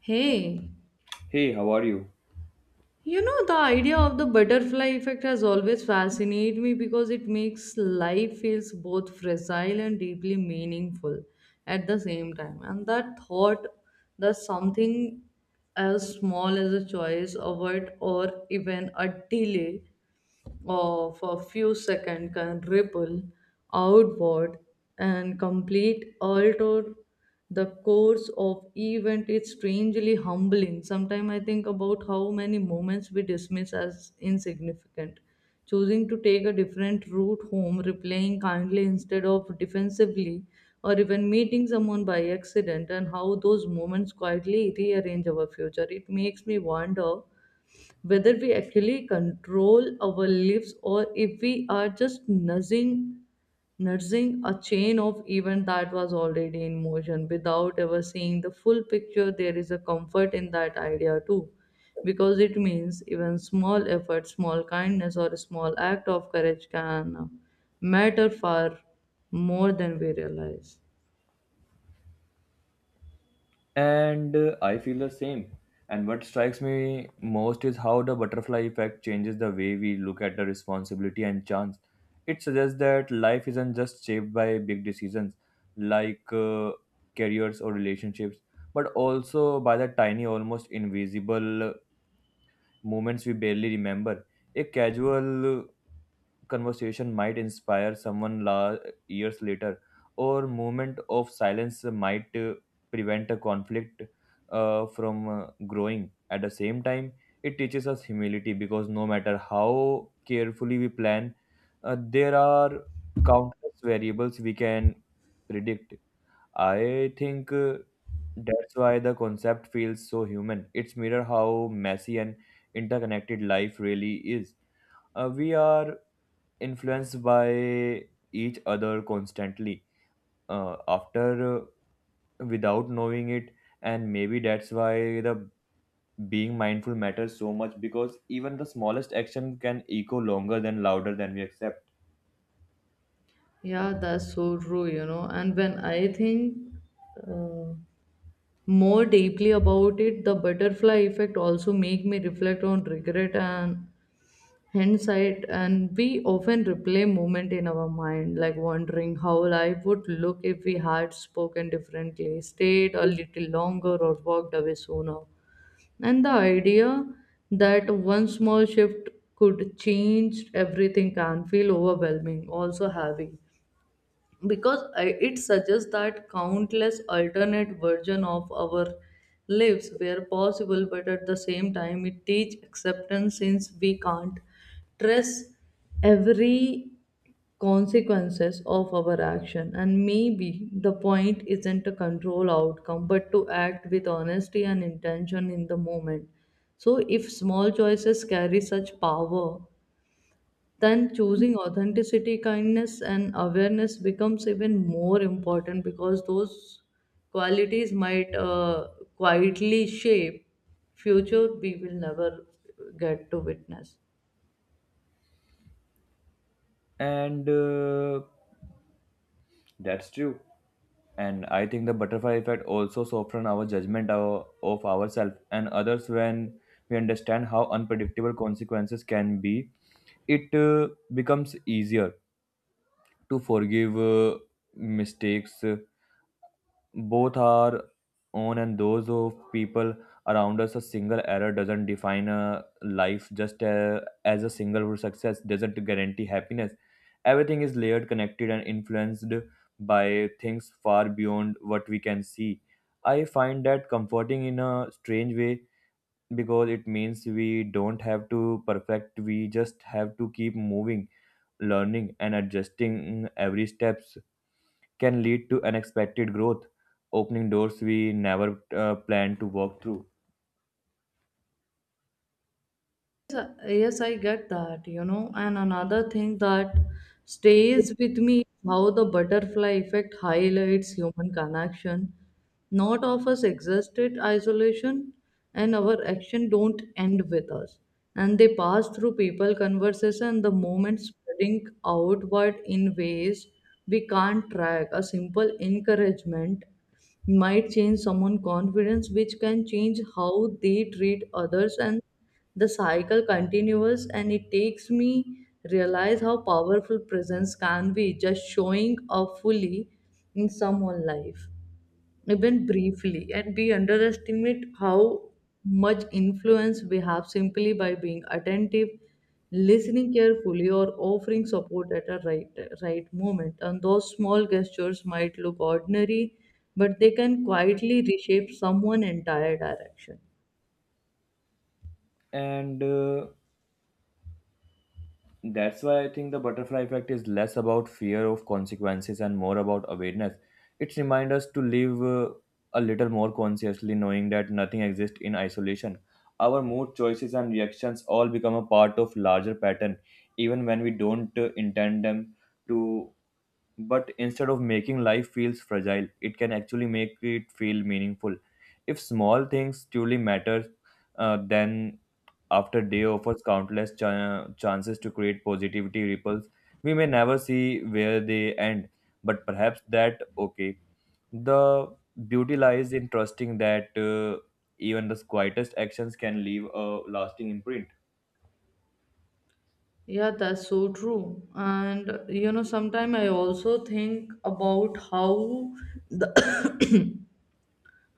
Hey, Hey, how are you? you know, the idea of the butterfly effect has always fascinated me because it makes life feels both fragile and deeply meaningful at the same time. And that thought that something as small as a choice, a word, or even a delay of a few seconds can ripple outward and complete alter the course of event. It's strangely humbling. Sometimes I think about how many moments we dismiss as insignificant, choosing to take a different route home, replying kindly instead of defensively, or even meeting someone by accident, and how those moments quietly rearrange our future. It makes me wonder whether we actually control our lives or if we are just nudging a chain of event that was already in motion without ever seeing the full picture. There is a comfort in that idea too, because it means even small effort, small kindness, or a small act of courage can matter far more than we realize. And I feel the same. And what strikes me most is how the butterfly effect changes the way we look at the responsibility and chance. It suggests that life isn't just shaped by big decisions like careers or relationships, but also by the tiny, almost invisible moments we barely remember. A casual conversation might inspire someone years later, or moment of silence might prevent a conflict from growing. At the same time, it teaches us humility because no matter how carefully we plan, there are countless variables we can predict. I think that's why the concept feels so human. It's mirror how messy and interconnected life really is. We are influenced by each other constantly after without knowing it, and maybe that's why the being mindful matters so much, because even the smallest action can echo longer than louder than we accept. Yeah, that's so true, you know. And when I think uh, more deeply about it, the butterfly effect also make me reflect on regret and hindsight, and we often replay moment in our mind, like wondering how life would look if we had spoken differently, stayed a little longer, or walked away sooner. And the idea that one small shift could change everything can feel overwhelming, also heavy, because it suggests that countless alternate version of our lives were possible, but at the same time it teach acceptance, since we can't trace every consequences of our action. And maybe the point isn't to control outcome but to act with honesty and intention in the moment. So if small choices carry such power, then choosing authenticity, kindness, and awareness becomes even more important, because those qualities might quietly shape future we will never get to witness. And That's true. And I think the butterfly effect also soften our judgment, of ourselves and others. When we understand how unpredictable consequences can be, it becomes easier to forgive mistakes, both our own and those of people around us. A single error doesn't define a life, just as a single success doesn't guarantee happiness. Everything is layered, connected, and influenced by things far beyond what we can see. I find that comforting in a strange way because it means we don't have to perfect, we just have to keep moving, learning and adjusting. Every steps can lead to unexpected growth, opening doors we never planned to walk through. Yes, I get that, you know. And another thing that stays with me is how the butterfly effect highlights human connection, not of us existed isolation, and our action don't end with us. And they pass through people, conversation, the moment, spreading outward in ways we can't track. A simple encouragement might change someone's confidence, which can change how they treat others, and the cycle continues. And it takes me realize how powerful presence can be, just showing up fully in someone's life, even briefly. And we underestimate how much influence we have simply by being attentive, listening carefully, or offering support at a right moment. And those small gestures might look ordinary, but they can quietly reshape someone's entire direction. And That's why I think the butterfly effect is less about fear of consequences and more about awareness. It reminds us to live a little more consciously, knowing that nothing exists in isolation. Our mood, choices, and reactions all become a part of larger pattern, even when we don't intend them to. But instead of making life feels fragile, it can actually make it feel meaningful. If small things truly matter, then after day offers countless chances to create positivity ripples. We may never see where they end, but perhaps that okay. The beauty lies in trusting that even the quietest actions can leave a lasting imprint. Yeah, that's so true. And you know, sometimes I also think about the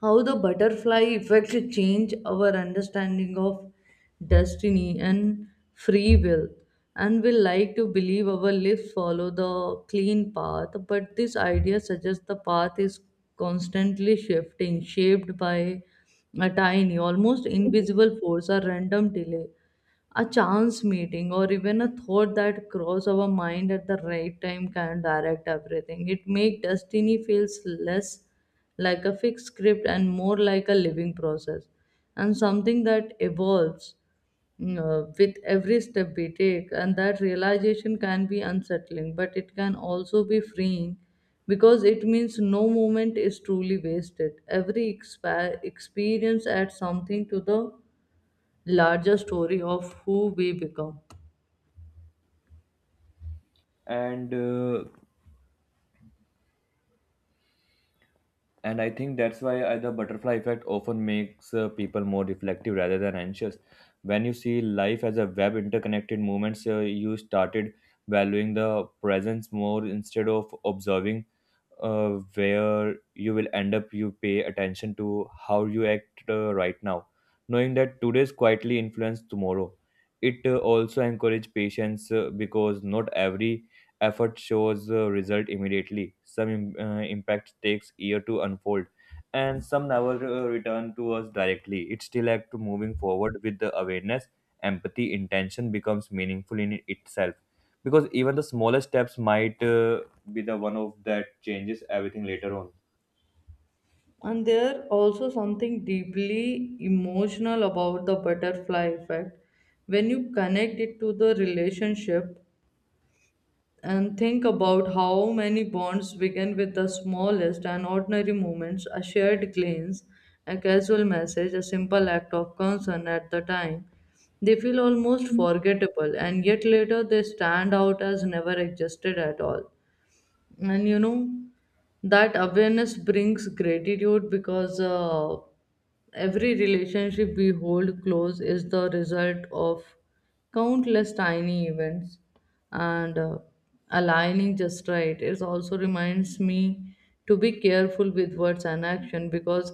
how the butterfly effect change our understanding of destiny and free will. And we like to believe our lives follow the clean path, but this idea suggests the path is constantly shifting, shaped by a tiny almost invisible force. A random delay, a chance meeting, or even a thought that cross our mind at the right time can direct everything. It make destiny feels less like a fixed script and more like a living process, and something that evolves, with every step we take. And that realization can be unsettling, but it can also be freeing, because it means no moment is truly wasted. Every experience adds something to the larger story of who we become. And uh, and i think that's why the butterfly effect often makes people more reflective rather than anxious. When you see life as a web interconnected movements, you started valuing the presence more. Instead of observing uh, where you will end up, you pay attention to how you act right now, knowing that today's quietly influence tomorrow. It also encourage patience, because not every effort shows result immediately. Some impact takes year to unfold, and some never return to us directly. It still act to moving forward with the awareness, empathy, intention becomes meaningful in itself, because even the smallest steps might be the one of that changes everything later on. And there also something deeply emotional about the butterfly effect when you connect it to the relationship, and think about how many bonds begin with the smallest and ordinary moments: a shared glance, a casual message, a simple act of concern at the time. They feel almost forgettable, and yet later they stand out as never existed at all. And you know, that awareness brings gratitude, because every relationship we hold close is the result of countless tiny events and aligning just right. It also reminds me to be careful with words and action, because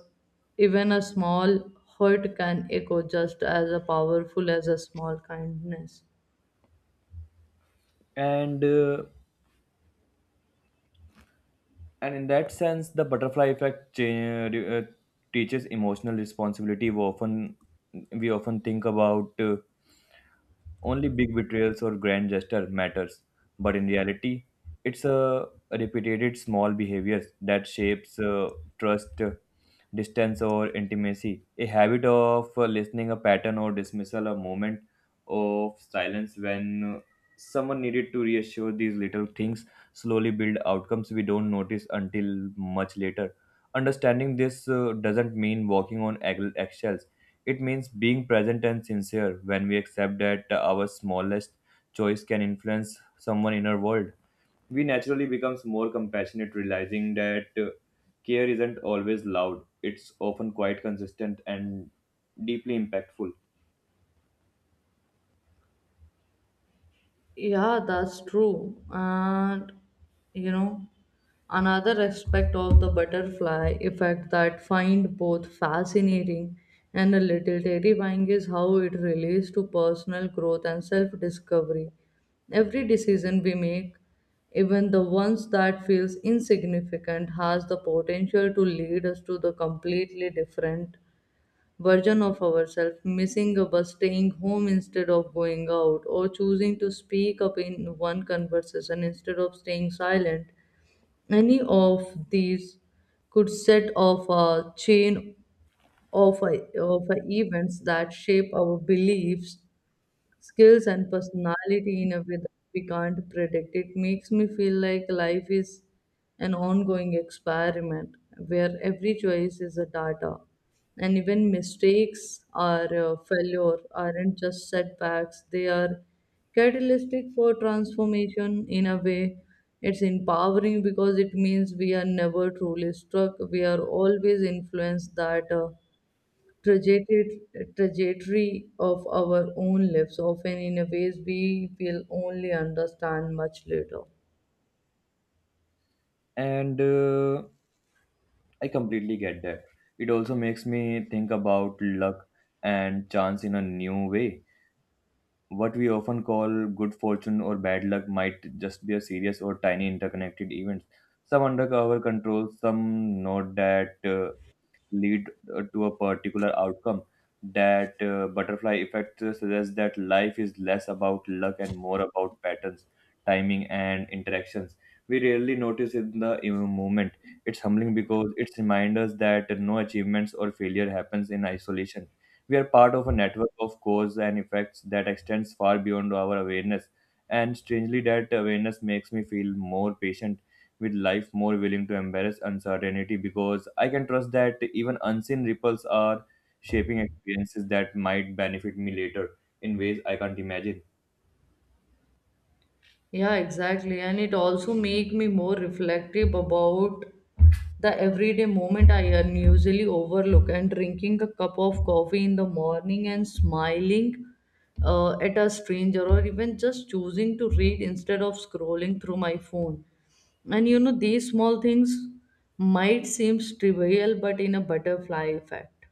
even a small hurt can echo just as powerful as a small kindness. And uh, and in that sense, the butterfly effect teaches emotional responsibility. We often think about only big betrayals or grand gesture matters, but in reality, it's a repeated small behaviors that shapes trust, distance, or intimacy. A habit of listening, a pattern or dismissal, a moment of silence when someone needed to reassure, these little things slowly build outcomes we don't notice until much later. Understanding this doesn't mean walking on eggshells. It means being present and sincere. When we accept that our smallest choice can influence someone in our world, we naturally becomes more compassionate, realizing that care isn't always loud. It's often quite consistent and deeply impactful. Yeah, that's true. And you know, another aspect of the butterfly effect that find both fascinating and a little terrifying is how it relates to personal growth and self-discovery. Every decision we make, even the ones that feels insignificant, has the potential to lead us to the completely different version of ourselves. Missing a bus, staying home instead of going out, or choosing to speak up in one conversation instead of staying silent, any of these could set off a chain of events that shape our beliefs, skills, and personality in a way that we can't predict. It makes me feel like life is an ongoing experiment where every choice is a data. And even mistakes or failure aren't just setbacks, they are catalytic for transformation in a way. It's empowering because it means we are never truly stuck. We are always influenced that trajectory, trajectory of our own lives, often in a ways we will only understand much later. And I completely get that. It also makes me think about luck and chance in a new way. What we often call good fortune or bad luck might just be a series or tiny interconnected events. Some under our control, some not that, lead to a particular outcome. That butterfly effect suggests that life is less about luck and more about patterns, timing, and interactions. We rarely notice in the moment. It's humbling because it reminds us that no achievements or failure happens in isolation. We are part of a network of cause and effects that extends far beyond our awareness. And strangely, that awareness makes me feel more patient with life, more willing to embrace uncertainty, because I can trust that even unseen ripples are shaping experiences that might benefit me later in ways I can't imagine. Yeah, exactly. And it also make me more reflective about the everyday moment I unusually overlook. And drinking a cup of coffee in the morning, and smiling at a stranger, or even just choosing to read instead of scrolling through my phone. And you know, these small things might seem trivial, but in a butterfly effect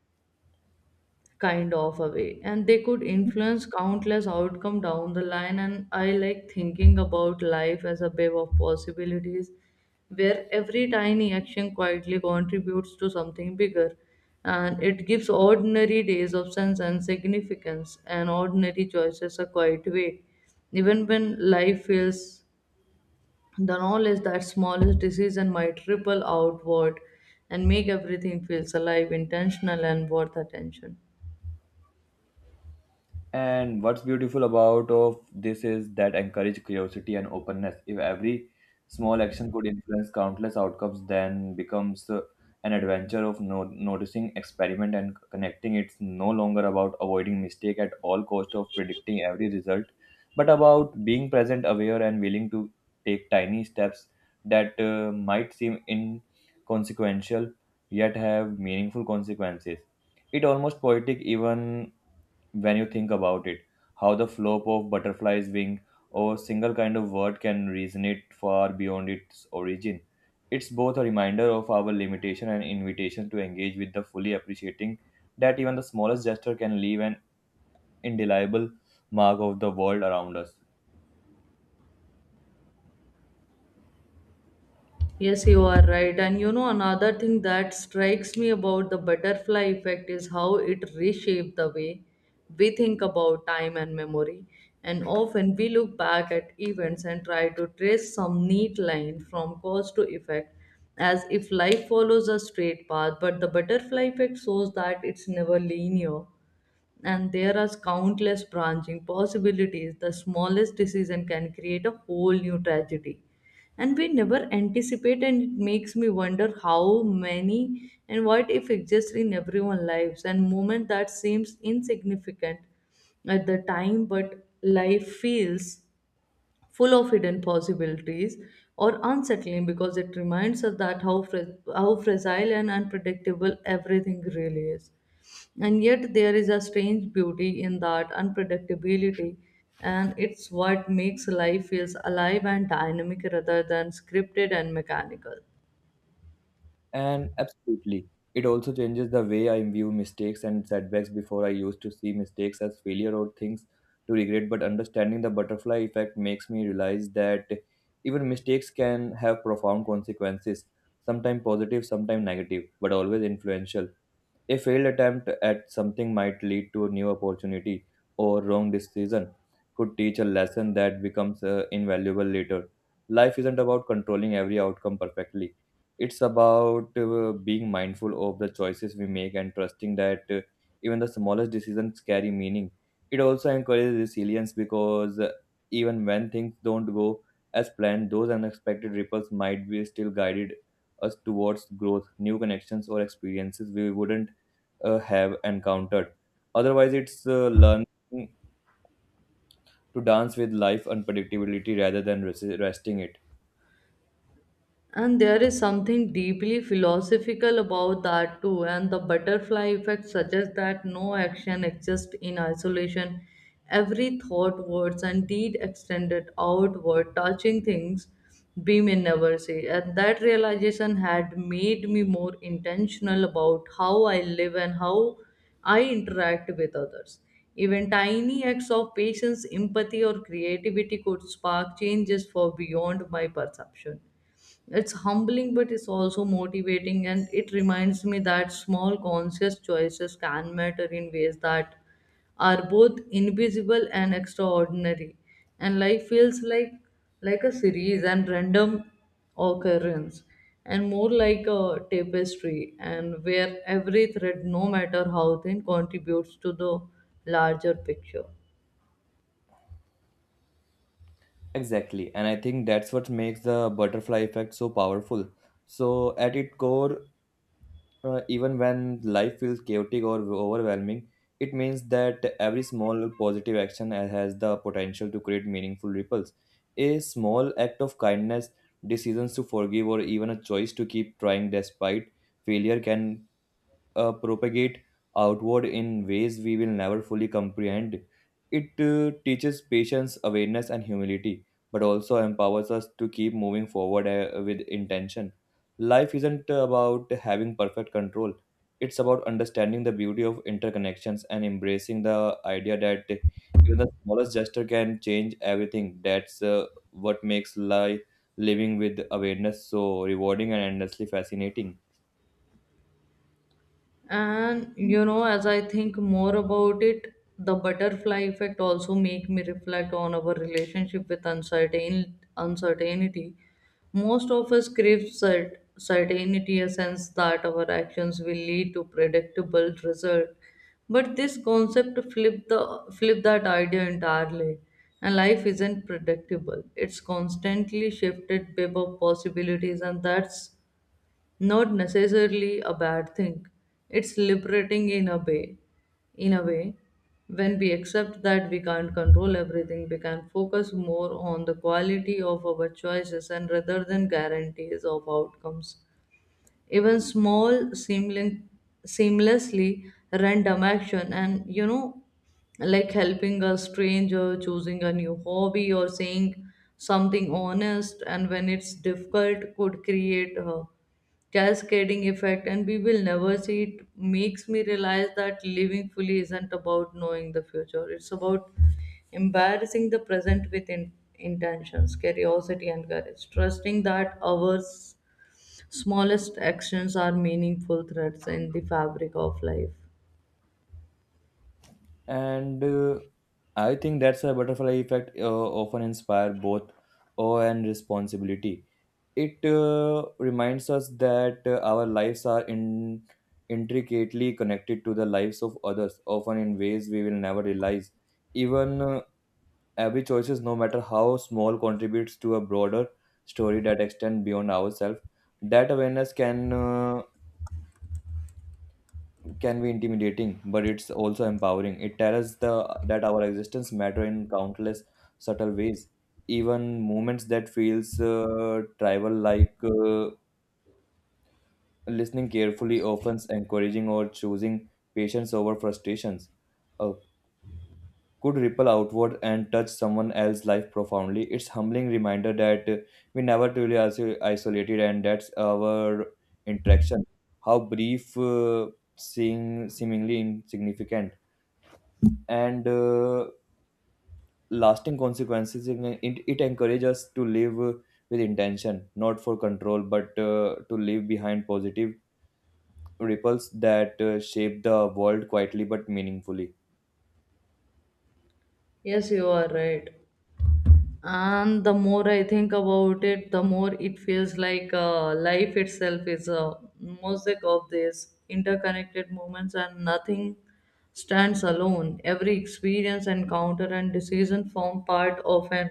kind of a way, and they could influence countless outcome down the line. And I like thinking about life as a wave of possibilities where every tiny action quietly contributes to something bigger. And it gives ordinary days of sense and significance, and ordinary choices a quiet way. Even when life feels, the knowledge that smallest decision might ripple outward and make everything feels alive, intentional, and worth attention. And what's beautiful about of this is that encourage curiosity and openness. If every small action could influence countless outcomes, then becomes an adventure of noticing, experiment, and connecting. It's no longer about avoiding mistake at all cost of predicting every result, but about being present, aware, and willing to take tiny steps that might seem inconsequential yet have meaningful consequences. It almost poetic, even when you think about it, how the flop of butterfly's wing or single kind of word can resonate far beyond its origin. It's both a reminder of our limitation and invitation to engage with the fully appreciating that even the smallest gesture can leave an indelible mark of the world around us. Yes, you are right. And you know, another thing that strikes me about the butterfly effect is how it reshaped the way we think about time and memory. And often we look back at events and try to trace some neat line from cause to effect, as if life follows a straight path. But the butterfly effect shows that it's never linear, and there are countless branching possibilities. The smallest decision can create a whole new tragedy, and we never anticipate. And it makes me wonder how many and what if exist in everyone's lives, and moment that seems insignificant at the time, but life feels full of hidden possibilities, or unsettling, because it reminds us that how, how fragile and unpredictable everything really is. And yet, there is a strange beauty in that unpredictability, and it's what makes life feels alive and dynamic rather than scripted and mechanical. And absolutely, it also changes the way I view mistakes and setbacks. Before, I used to see mistakes as failure or things to regret, but understanding the butterfly effect makes me realize that even mistakes can have profound consequences, sometimes positive, sometimes negative, but always influential. A failed attempt at something might lead to a new opportunity, or wrong decision could teach a lesson that becomes invaluable later. Life isn't about controlling every outcome perfectly. It's about being mindful of the choices we make and trusting that even the smallest decisions carry meaning. It also encourages resilience because, even when things don't go as planned, those unexpected ripples might be still guided us towards growth, new connections, or experiences we wouldn't have encountered. Otherwise, it's learning to dance with life unpredictability rather than resting it. And there is something deeply philosophical about that too. And the butterfly effect suggests that no action exists in isolation. Every thought, words, and deed extended outward, touching things we may never see. And that realization had made me more intentional about how I live and how I interact with others. Even tiny acts of patience, empathy, or creativity could spark changes for beyond my perception. It's humbling, but it's also motivating, and it reminds me that small conscious choices can matter in ways that are both invisible and extraordinary. And life feels like a series and random occurrence, and more like a tapestry, and where every thread, no matter how thin, contributes to the larger picture. Exactly, and I think that's what makes the butterfly effect so powerful. So, at its core, even when life feels chaotic or overwhelming, it means that every small positive action has the potential to create meaningful ripples. A small act of kindness, decisions to forgive, or even a choice to keep trying despite failure can propagate outward in ways we will never fully comprehend. It teaches patience, awareness, and humility, but also empowers us to keep moving forward with intention. Life isn't about having perfect control, it's about understanding the beauty of interconnections and embracing the idea that even the smallest gesture can change everything. That's what makes life living with awareness so rewarding and endlessly fascinating. And you know, as I think more about it, the butterfly effect also make me reflect on our relationship with uncertainty. Most of us crave certainty, a sense that our actions will lead to predictable result. But this concept flip the flip that idea entirely, and life isn't predictable. It's constantly shifted by possibilities, and that's not necessarily a bad thing. It's liberating in a way. In a way, when we accept that we can't control everything, we can focus more on the quality of our choices, and rather than guarantees of outcomes. Even seamlessly random action, and you know, like helping a stranger, choosing a new hobby, or saying something honest, and when it's difficult, could create a cascading effect, and we will never see. It makes me realize that living fully isn't about knowing the future. It's about embarrassing the present with intentions, curiosity, and courage, trusting that ours smallest actions are meaningful threads in the fabric of life. And I think that's a butterfly effect often inspire both awe and responsibility. It reminds us that our lives are intricately connected to the lives of others, often in ways we will never realize. Even every choices, no matter how small, contributes to a broader story that extends beyond ourselves. That awareness can be intimidating, but it's also empowering. It tells us the that our existence matter in countless subtle ways. Even moments that feels tribal, like listening carefully, often encouraging or choosing patience over frustrations, uh, could ripple outward and touch someone else's life profoundly. It's humbling reminder that we never truly isolated, and that's our interaction. How brief, seeing seemingly insignificant and lasting consequences. It encourages us to live with intention, not for control, but to leave behind positive ripples that shape the world quietly but meaningfully. Yes, you are right. And the more I think about it, the more it feels like life itself is a mosaic of these interconnected moments, and nothing stands alone. Every experience, encounter, and decision form part of an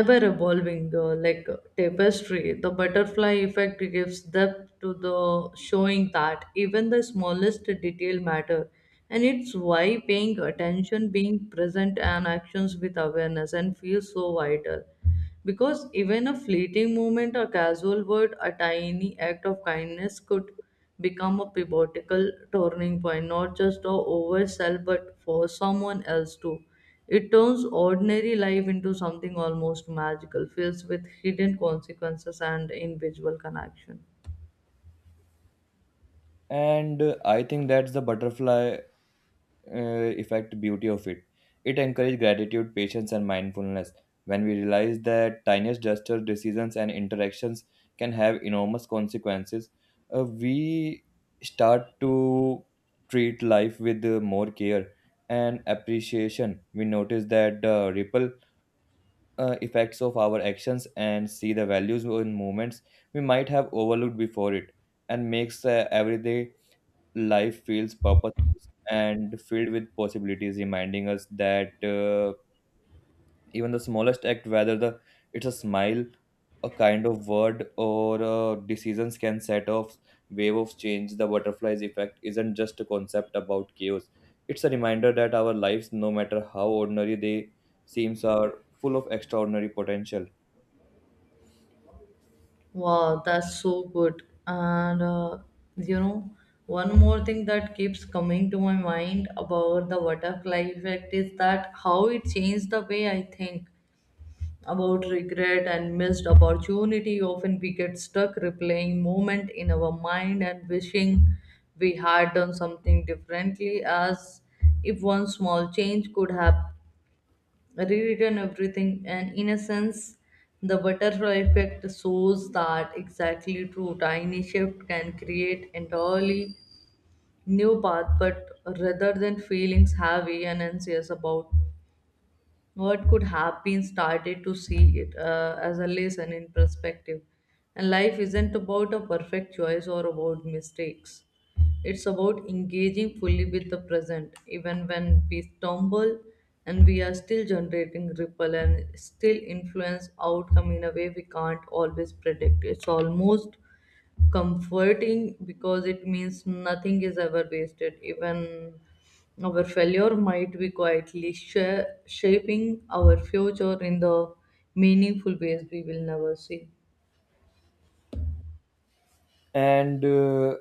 ever evolving, like a tapestry. The butterfly effect gives depth to the showing that even the smallest detail matter, and it's why paying attention, being present, and actions with awareness and feels so vital, because even a fleeting moment, or casual word, a tiny act of kindness could become a pivotal turning point, not just for ourselves but for someone else too. It turns ordinary life into something almost magical, filled with hidden consequences and invisible connection. And I think that's the butterfly effect beauty of it. It encourages gratitude, patience and mindfulness. When we realize that tiniest gesture, decisions and interactions can have enormous consequences, we start to treat life with more care and appreciation. We notice that the ripple effects of our actions and see the values in moments we might have overlooked before it, and makes every day life feels purposeful and filled with possibilities, reminding us that even the smallest act, whether the it's a smile, a kind of word, or decisions, can set off wave of change. The butterflies effect isn't just a concept about chaos. It's a reminder that our lives, no matter how ordinary they seems, are full of extraordinary potential. Wow, that's so good. And you know, one more thing that keeps coming to my mind about the butterfly effect is that how it changed the way I think about regret and missed opportunity. Often we get stuck replaying moment in our mind and wishing we had done something differently, as if one small change could have rewritten everything. And in a sense, the butterfly effect shows that exactly true tiny shift can create entirely new path. But rather than feelings heavy and anxious about what could have been, started to see it as a lesson in perspective. And life isn't about a perfect choice or about mistakes. It's about engaging fully with the present, even when we stumble, and we are still generating ripple, and still influence outcome in a way we can't always predict. It's almost comforting because it means nothing is ever wasted. Even our failure might be quietly shaping our future in the meaningful ways we will never see. And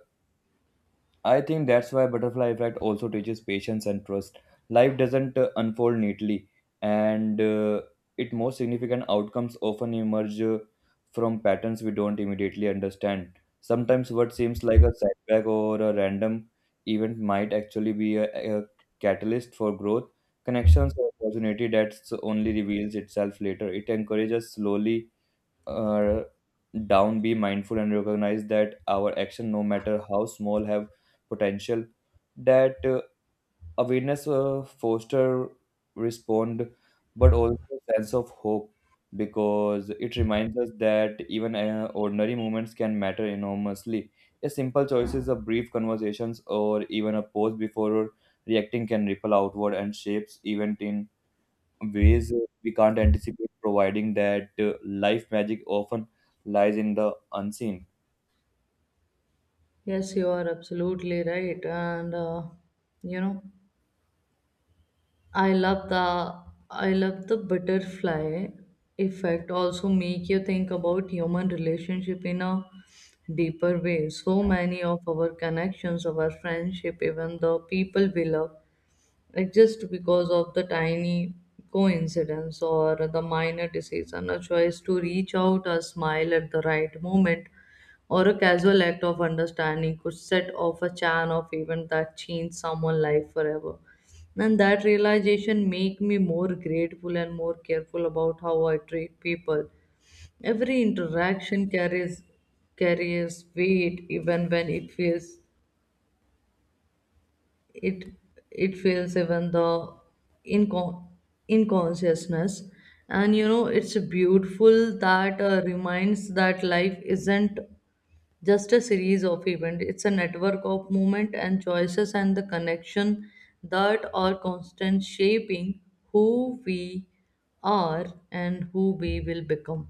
I think that's why butterfly effect also teaches patience and trust. Life doesn't unfold neatly, and its most significant outcomes often emerge from patterns we don't immediately understand. Sometimes what seems like a setback or a random event might actually be a catalyst for growth, connections, or opportunity that only reveals itself later. It encourages slowly uh, down, be mindful, and recognize that our action, no matter how small, have potential. That awareness foster respond, but also sense of hope, because it reminds us that even ordinary moments can matter enormously. A simple choices, a brief conversations, or even a pause before reacting can ripple outward and shapes event in ways we can't anticipate, providing that life magic often lies in the unseen. Yes, you are absolutely right. And, you know, I love the I love the butterfly effect also make you think about human relationship in a deeper way. So many of our connections, our friendship, even the people we love, like just because of the tiny coincidence or the minor decision, a choice to reach out, a smile at the right moment, or a casual act of understanding could set off a chain of events that change someone's life forever. And that realization make me more grateful and more careful about how I treat people. Every interaction carries weight, even when it feels it it feels, even the incon- inconsciousness. And you know, it's beautiful that reminds that life isn't just a series of events. It's a network of movement and choices and the connection that are constant shaping who we are and who we will become.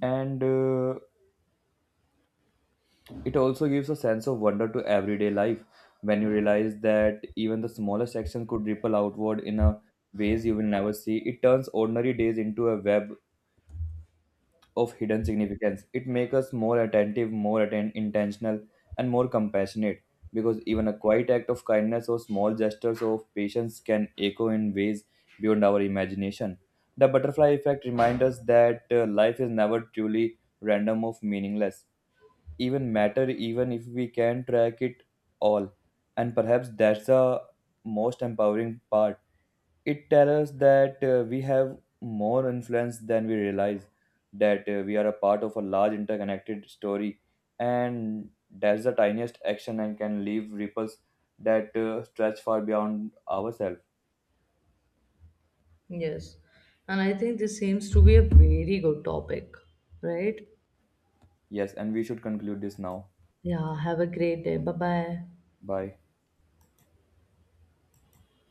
And It also gives a sense of wonder to everyday life when you realize that even the smallest action could ripple outward in a ways you will never see. It turns ordinary days into a web of hidden significance. It makes us more attentive, more intentional, and more compassionate, because even a quiet act of kindness or small gestures of patience can echo in ways beyond our imagination. The butterfly effect reminds us that life is never truly random or meaningless. Even matter, even if we can track it all, and perhaps that's the most empowering part. It tells us that we have more influence than we realize, that we are a part of a large interconnected story, and that's the tiniest action and can leave ripples that stretch far beyond ourselves. Yes, and I think this seems to be a very good topic, right? Yes, and we should conclude this now. Yeah, have a great day. Bye bye. Bye.